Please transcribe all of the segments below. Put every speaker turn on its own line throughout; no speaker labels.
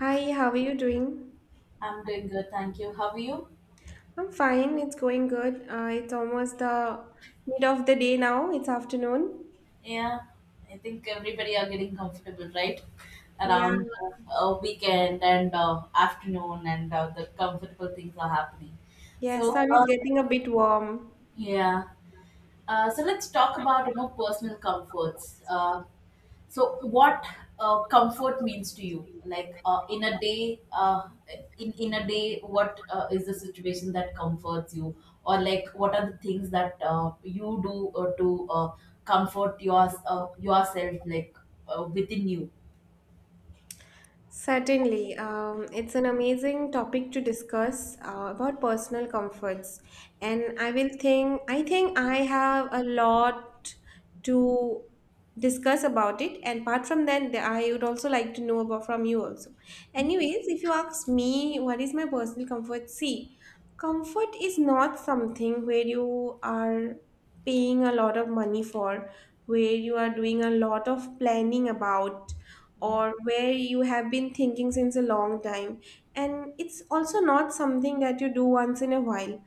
Hi, how are you doing?
I'm doing good, thank you. How are you?
I'm fine, it's going good. It's almost the mid of the day now, it's afternoon.
Yeah, I think everybody are getting comfortable, right?
Yeah,
Around a weekend and afternoon, and the comfortable things are happening.
yeah,
So,
sun is getting a bit warm.
yeah. So let's talk about you know personal comforts. So what comfort means to you? Like in a day, in a day, what is the situation that comforts you, or like what are the things that you do to comfort your yourself, like within you?
Certainly, it's an amazing topic to discuss about personal comforts, and I think I have a lot to discuss about it. And apart from that, I would also like to know about from you also. Anyways, if you ask me, what is my personal comfort? See, comfort is not something where you are paying a lot of money for, where you are doing a lot of planning about,
Yeah,
or where you have been thinking since a long time, and it's also not something that you do once in a while.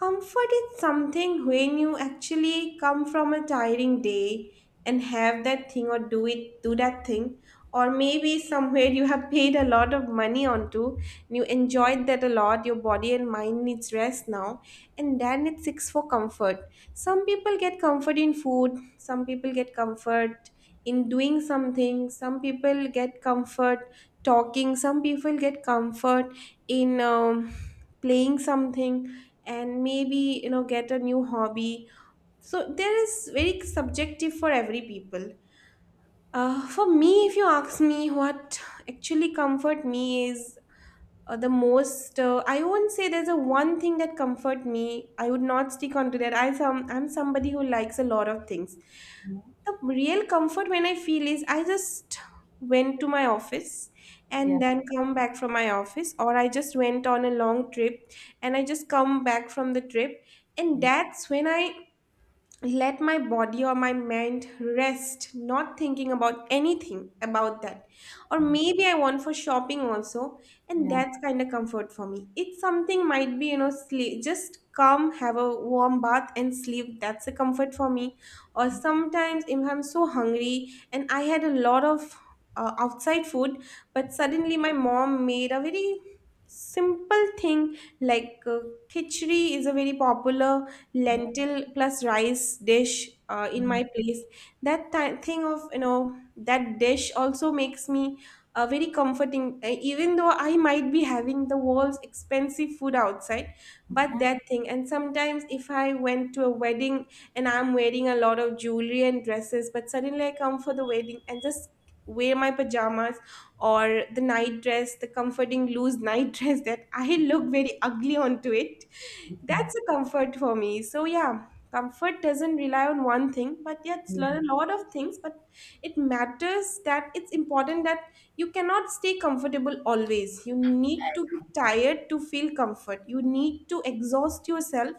Comfort is something when you actually come from a tiring day and have that thing or do that thing, or maybe somewhere you have paid a lot of money onto and you enjoyed that a lot. Your body and mind needs rest now, and then it seeks for comfort. Some people get comfort in food. Some people get comfort in doing something. Some people get comfort talking. Some people get comfort in playing something, and maybe get a new hobby. So there is very subjective for every people. For me, if you ask me what actually comfort me is, the most, I won't say there's a one thing that comfort me. I would not stick onto that. I'm somebody who likes a lot of things. The real comfort when I feel is I just went to my office
yeah,
and then come back from my office, or I just went on a long trip and I just come back from the trip, and
yeah,
that's when I let my body or my mind rest, not thinking about anything about that. Or
yeah,
maybe I want for shopping also, and
yeah,
that's kind of comfort for me. It's something might be, sleep. Just come, have a warm bath, and sleep. That's a comfort for me. Or sometimes if I'm so hungry and I had a lot of outside food, but suddenly my mom made a very simple thing like khichdi is a very popular
yeah,
lentil plus rice dish in my place. That thing of that dish also makes me very comforting, even though I might be having the world's expensive food outside.
yeah,
But
yeah,
that thing, and sometimes if I went to a wedding and I'm wearing a lot of jewelry and dresses, but suddenly I come for the wedding and just wear my pajamas or the night dress, the comforting loose night dress that I look very ugly onto it, that's a comfort for me. So yeah, comfort doesn't rely on one thing, but yet
yeah, yeah,
learn a lot of things. But it matters, that it's important that you cannot stay comfortable always. You need to be tired to feel comfort. You need to exhaust yourself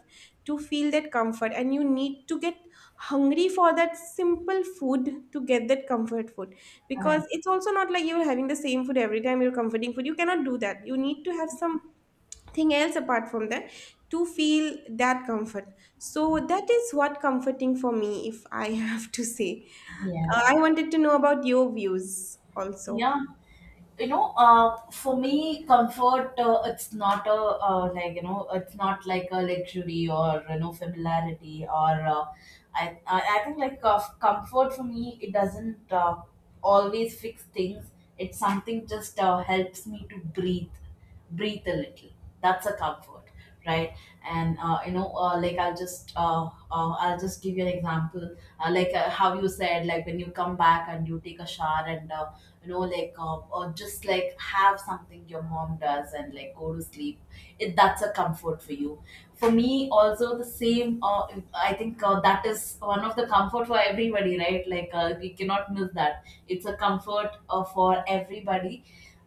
to feel that comfort, and you need to get hungry for that simple food to get that comfort food. Because it's also not like you're having the same food every time you're comforting food. You cannot do that. You need to have some thing else apart from that to feel that comfort. So that is what comforting for me, if I have to say. I wanted to know about your views also.
yeah. You know, for me comfort, it's not a, like you know it's not like a luxury or you know familiarity or, I think like comfort for me, it doesn't always fix things. It's something just helps me to breathe a little. That's a comfort, right? And you know, like I'll just give you an example. How you said, like when you come back and you take a shower and you know like or just like have something your mom does and like go to sleep, it that's a comfort for you. For me also the same. I think that is one of the comfort for everybody, right? Like we cannot miss that. It's a comfort for everybody.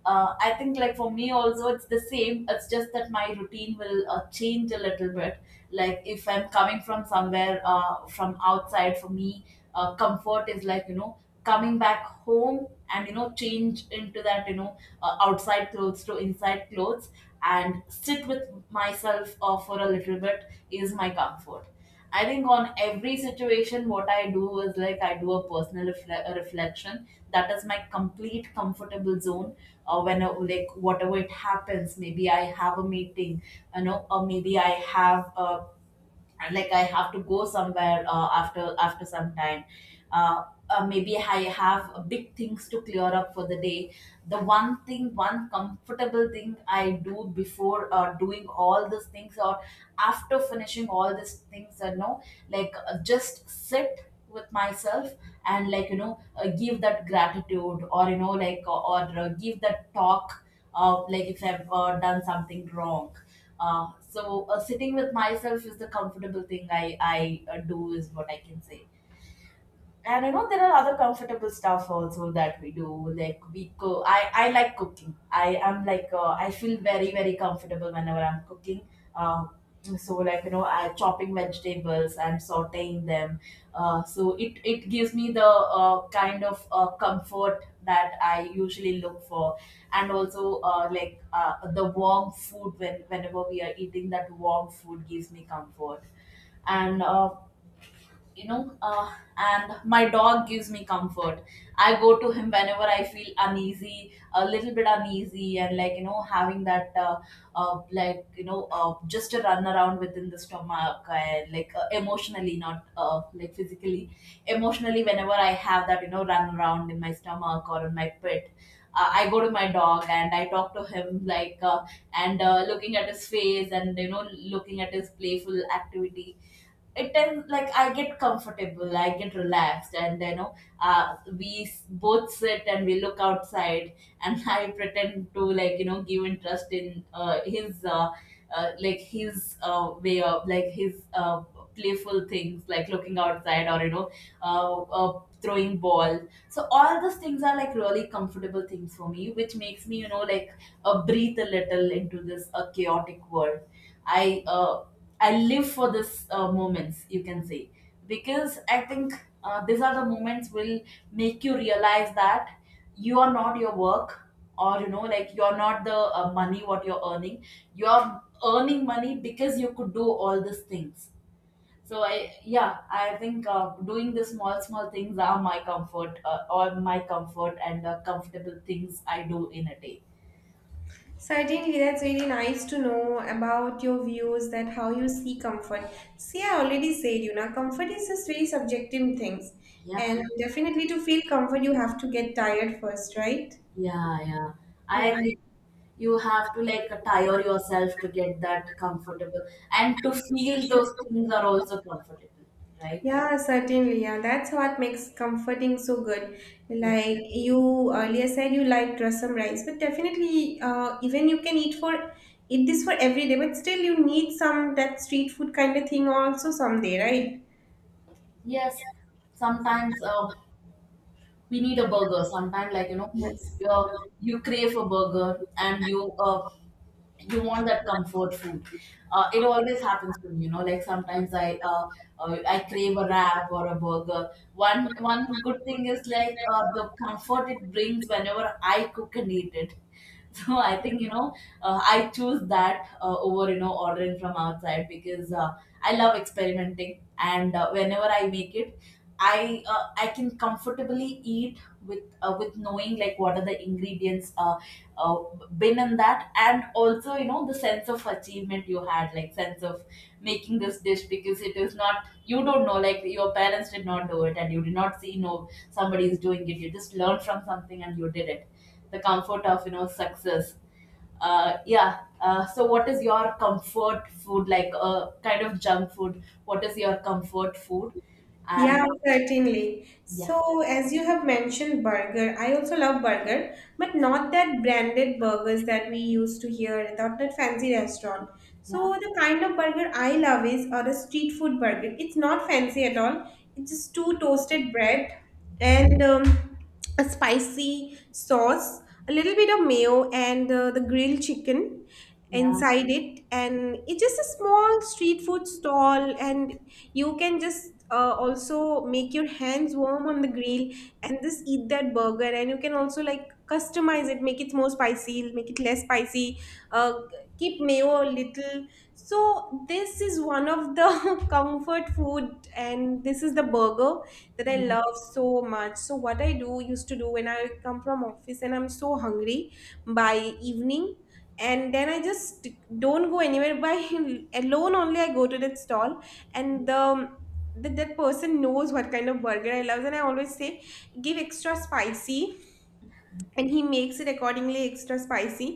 I think like for me also it's the same. It's just that my routine will change a little bit. Like if I'm coming from somewhere, from outside, for me comfort is like you know coming back home, and you know change into that, you know, outside clothes to inside clothes, and sit with myself for a little bit is my comfort. I think on every situation what I do is like I do a personal refle- a reflection. That is my complete comfortable zone. When Like whatever it happens, maybe I have a meeting, you know, or maybe I have a, and like I have to go somewhere after some time. uh, Maybe I have big things to clear up for the day. The one comfortable thing I do before doing all these things or after finishing all these things, no like just sit with myself, and like you know give that gratitude, or you know like or give that talk of like if I've done something wrong. Sitting with myself is the comfortable thing I do, is what I can say. And you know there are other comfortable stuff also that we do, like we go I like cooking. I am like, I feel very very comfortable whenever I'm cooking. um so like you know I chopping vegetables and sauteing them. It gives me the kind of comfort that I usually look for. And also the warm food, when whenever we are eating that warm food gives me comfort. And you know And my dog gives me comfort. I go to him whenever I feel uneasy, a little bit uneasy, and like you know having that like you know just a run around within the stomach, and like emotionally, not like physically, emotionally, whenever I have that you know run around in my stomach or in my pit, I go to my dog and I talk to him. Like and looking at his face, and you know looking at his playful activity, it tends like I get comfortable, I get relaxed, and you know, both sit and we look outside, and I pretend to like you know give interest in his like his way of like his playful things, like looking outside or you know throwing ball. So all those things are like really comfortable things for me, which makes me you know like breathe a little into this chaotic world. I uh, I live for this moments, you can say, because I think these are the moments will make you realize that you are not your work, or you know, like you are not the money what you're earning. You are earning money because you could do all these things. So I, yeah, I think doing the small things are my comfort, or my comfort and comfortable things I do in a day.
Certainly, that's really nice to know about your views, that how you see comfort. See, I already said, comfort is just very subjective things,
Yeah.
and definitely to feel comfort you have to get tired first, right?
Yeah, yeah. I
Yeah.
agree. You have to like tire yourself to get that comfortable, and to feel those things are also comfortable, right?
Yeah, certainly. Yeah, that's what makes comforting so good.
Yeah.
Like you earlier said, you like rasam rice, but definitely, even you can eat this for every day, but still you need some that street food kind of thing also someday, right?
Yes. Sometimes we need a burger. Sometimes like you know
Yes.
you crave a burger and you want that comfort food. It always happens to me, you know, like sometimes I crave a wrap or a burger. One good thing is like the comfort it brings whenever I cook and eat it. So I think you know I choose that over you know ordering from outside, because I love experimenting, and whenever I make it, I can comfortably eat with knowing like what are the ingredients uh, been in that. And also you know the sense of achievement you had, like sense of making this dish, because it is not, you don't know, like your parents did not do it and you did not see, no somebody is doing it, you just learned from something and you did it. The comfort of you know success. Yeah so what is your comfort food, like kind of junk food, what is your comfort food?
Yeah,
And
certainly.
Yeah,
So, as you have mentioned burger, I also love burger, but not that branded burgers that we used to hear, not that fancy restaurant. So,
yeah,
the kind of burger I love is or the street food burger. It's not fancy at all. It's just two toasted bread and a spicy sauce, a little bit of mayo, and the grilled chicken
yeah,
inside it. And it's just a small street food stall, and you can just also make your hands warm on the grill and just eat that burger. And you can also like customize it, make it more spicy, make it less spicy, uh, keep mayo a little. So this is one of the comfort food, and this is the burger that I
yeah,
love so much. So what I do used to do when I come from office and I'm so hungry by evening, and then I just don't go anywhere by alone only, I go to that stall. And that person knows what kind of burger I love, and I always say give extra spicy, and he makes it accordingly extra spicy.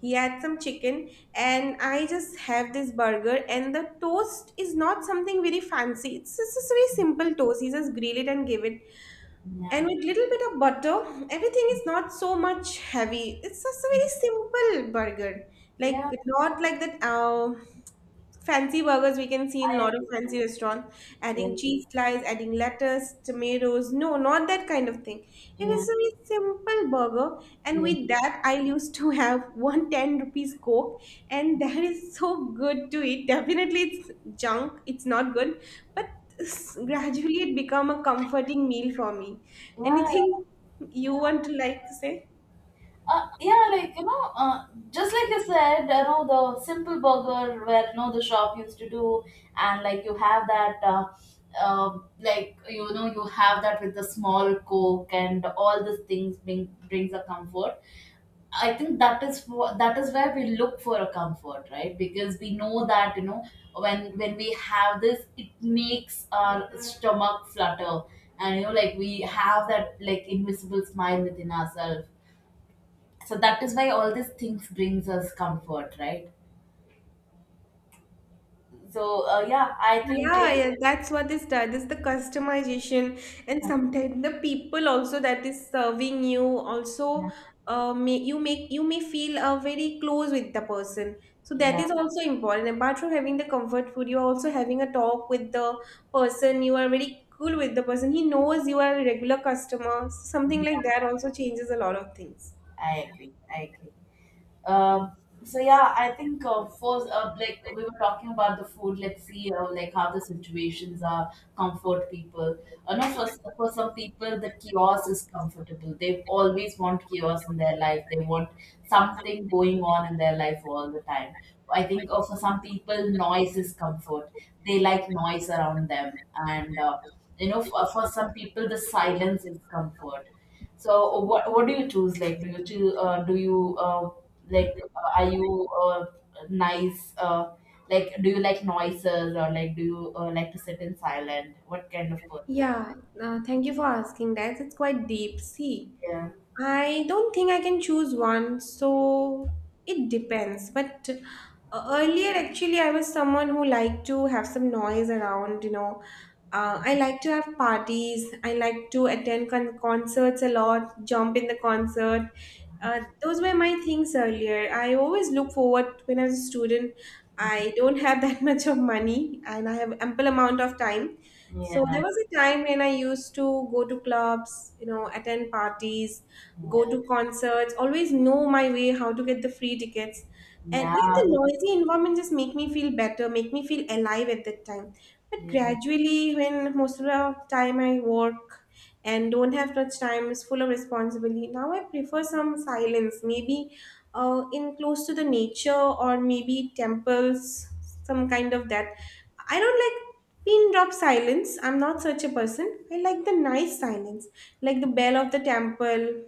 He adds some chicken, and I just have this burger. And the toast is not something very fancy, it's just a very simple toast. He just grill it and give it, and
yeah,
with little bit of butter, everything is not so much heavy. It's just a very simple burger, like
yeah,
not like that. Fancy burgers we can see in a
I
lot of
agree.
fancy restaurants, adding
Yeah,
cheese slice, adding lettuce, tomatoes. No, not that kind of thing. It
yeah,
is a very simple burger, and
yeah,
with that, I used to have one 10 rupees coke, and that is so good to eat. Definitely, it's junk. It's not good, but gradually it become a comforting meal for me.
yeah,
Anything you
yeah.
want to like to say?
Yeah, like you know, just like you said, you know the simple burger where you know the shop used to do, and like you have that, like you know you have that with the small coke, and all these things brings a comfort. I think that is for that is where we look for a comfort, right? Because we know that you know when we have this, it makes our stomach flutter, and you know like we have that like invisible smile within ourselves. So that is why all these things brings us comfort, right? So yeah I think
Yeah,
like,
yeah, that's what is done. Is the customization, and sometimes the people also that is serving you also
yeah,
may you make you may feel very close with the person. So that
yeah,
is also important. Apart from having the comfort food, you are also having a talk with the person. You are very cool with the person. He knows you are a regular customer. So, something like
yeah,
that also changes a lot of things.
I agree, I agree. Um, so yeah, I think first, like we were talking about the food. Let's see, like how the situations are comfort people. No, for some- For some people, the chaos is comfortable. They always want chaos in their life. They want something going on in their life all the time. I think for some people, noise is comfort. They like noise around them, and you know, for some people, the silence is comfort. So what do you choose? Like, do you choose, do you like are you nice? Like, do you like noises, or like do you like to sit in silent? What kind of person are you?
Yeah, thank you for asking that. It's quite deep. See.
Yeah,
I don't think I can choose one, so it depends. But earlier, actually, I was someone who liked to have some noise around. I like to have parties, I like to attend concerts a lot, jump in the concert. Those were my things earlier. I always look forward when I was a student. I don't have that much of money, and I have ample amount of time. So
yeah,
there was a time when I used to go to clubs, attend parties, go
yeah,
to concerts, always know my way, how to get the free tickets. And like the
yeah,
noisy environment just make me feel better, make me feel alive at that time. But
yeah.
gradually, when most of the time I work and don't have much time, is full of responsibility. Now I prefer some silence, maybe in close to the nature, or maybe temples, some kind of that. I don't like pin drop silence. I'm not such a person. I like the nice silence, like the bell of the temple,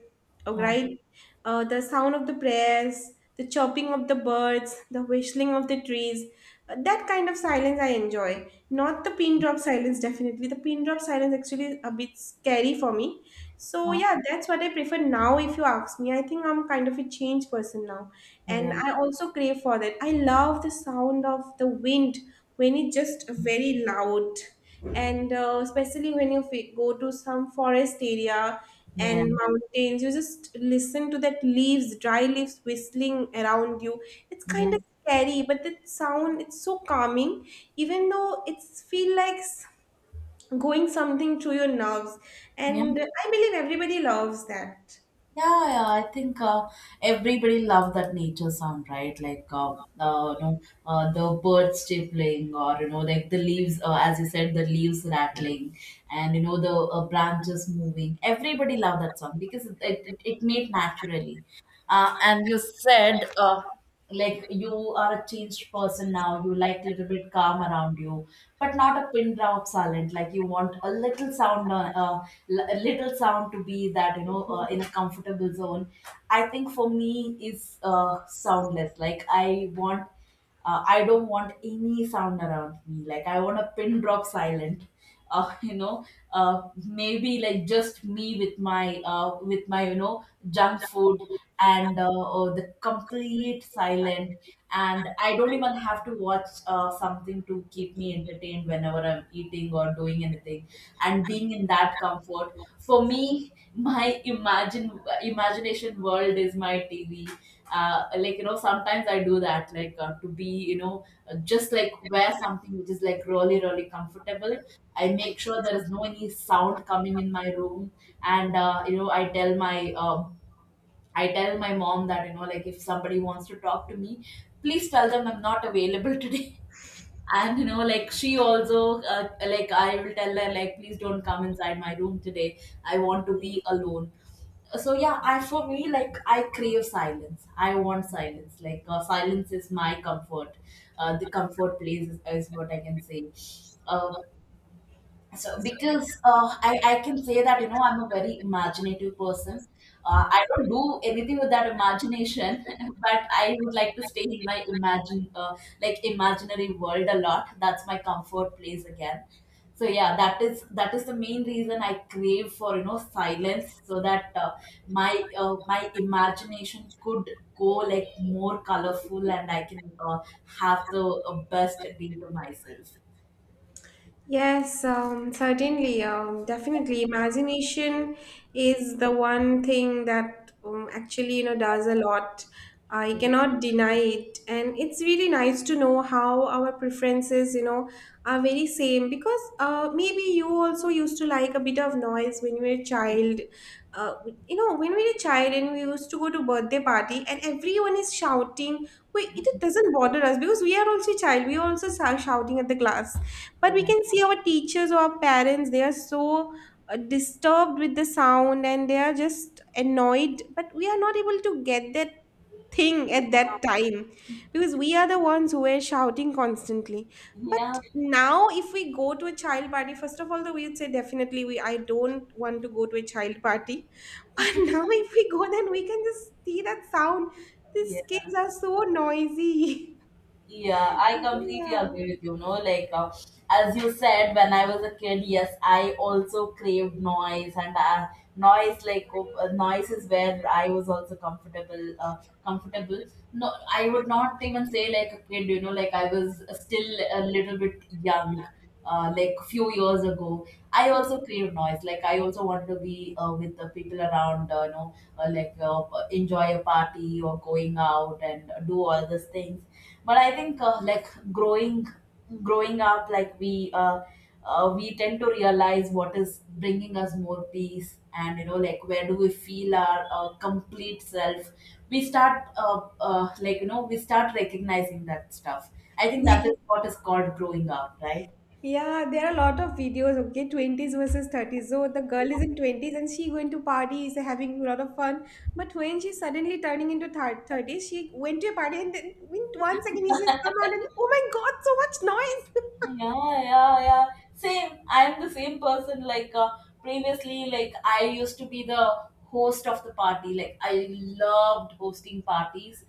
oh, right? The sound of the prayers, the chirping of the birds, the whistling of the trees. That kind of silence I enjoy. Not the pin drop silence, definitely. The pin drop silence actually is a bit scary for me. So, yeah,
Uh-huh.
that's what I prefer now, if you ask me. I think I'm kind of a changed person now. And
Yeah,
I also crave for that. I love the sound of the wind when it's just very loud. And especially when you go to some forest area and
yeah,
mountains, you just listen to that leaves, dry leaves whistling around you. It's kind
yeah,
of scary, but that sound it's so calming, even though it's feel like going something through your nerves.
yeah.
And I believe everybody loves that.
Yeah, yeah, I think everybody love that nature sound, right? Like, you know, the birds chirping, or you know, like the leaves, as you said, the leaves rattling, and you know, the branches moving. Everybody love that song because it made naturally. And you said like you are a changed person now, you like a little bit calm around you, but not a pin drop silent, like you want a little sound. A little sound to be that you know in a comfortable zone. I think for me is soundless. Like I want, I don't want any sound around me. Like I want a pin drop silent. You know, maybe like just me with my you know junk food, and the complete silent. And I don't even have to watch something to keep me entertained whenever I'm eating or doing anything, and being in that comfort for me. My imagine imagination world is my TV. Like you know sometimes I do that, like to be you know just like wear something which is like really comfortable. I make sure there is no any sound coming in my room, and you know I tell my mom that, you know, like if somebody wants to talk to me, please tell them I'm not available today. And, you know, like she also, like I will tell her, like, please don't come inside my room today. I want to be alone. So, yeah, I, for me, like, I crave silence. I want silence. Like, silence is my comfort. The comfort place is what I can say. Uh, so because I can say that you know I'm a very imaginative person. I don't do anything with that imagination. But I would like to stay in my imagine like imaginary world a lot. That's my comfort place again. So yeah, that is the main reason I crave for you know silence, so that my imagination could go like more colorful, and I can have the best day to myself.
Yes, certainly. Definitely, imagination is the one thing that actually, does a lot. I cannot deny it, and it's really nice to know how our preferences, are very same. Because maybe you also used to like a bit of noise when you were a child. Uh, when we were a child and we used to go to birthday party, and everyone is shouting. Wait, it doesn't bother us because we are also child. We are also shouting at the class, but we
Yeah.
can see our teachers or our parents, they are so disturbed with the sound, and they are just annoyed, but we are not able to get that thing at that time, because we are the ones who were shouting constantly. But
Yeah.
now if we go to a child party, first of all, though we'd say definitely we I don't want to go to a child party. But now if we go, then we can just see that sound, these
Yeah,
kids are so noisy.
yeah, I completely
Yeah.
agree with you. No, like as you said, when I was a kid, yes, I also craved noise, and noise, like, oh, noise is where I was also comfortable. No, I would not even say like a kid. You know, like I was still a little bit young. Like few years ago, I also craved noise. Like I also wanted to be with the people around. You know, enjoy a party, or going out and do all these things. But I think like growing up, like we tend to realize what is bringing us more peace, and you know like where do we feel our complete self. We start like you know we start recognizing that stuff. I think that is what is called growing up, right?
Yeah, there are a lot of videos, okay, 20s versus 30s. So the girl is in 20s and she going to parties, having a lot of fun. But when she's suddenly turning into 30s, she went to a party, and then in 1 second she just come out and, oh my God, so much noise.
Yeah, yeah, yeah. Same. I'm the same person. Like previously, like I used to be the host of the party. Like I loved hosting parties.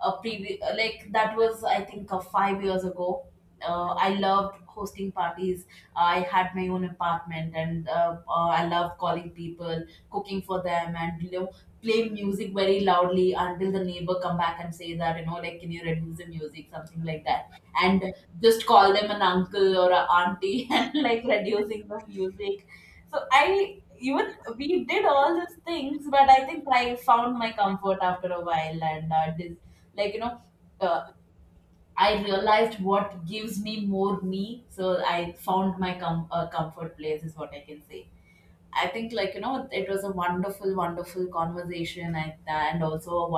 Like that was I think 5 years ago. I loved hosting parties. I had my own apartment, and I loved calling people, cooking for them, and you know, play music very loudly until the neighbor come back and say that you know, like, can you reduce the music, something like that. And just call them an uncle or an auntie and like reducing the music. So I even we did all these things, but I think I found my comfort after a while, and this like you know. Uh, I realized what gives me more me, so I found my comfort place is what I can say. I think like you know it was a wonderful conversation, and also a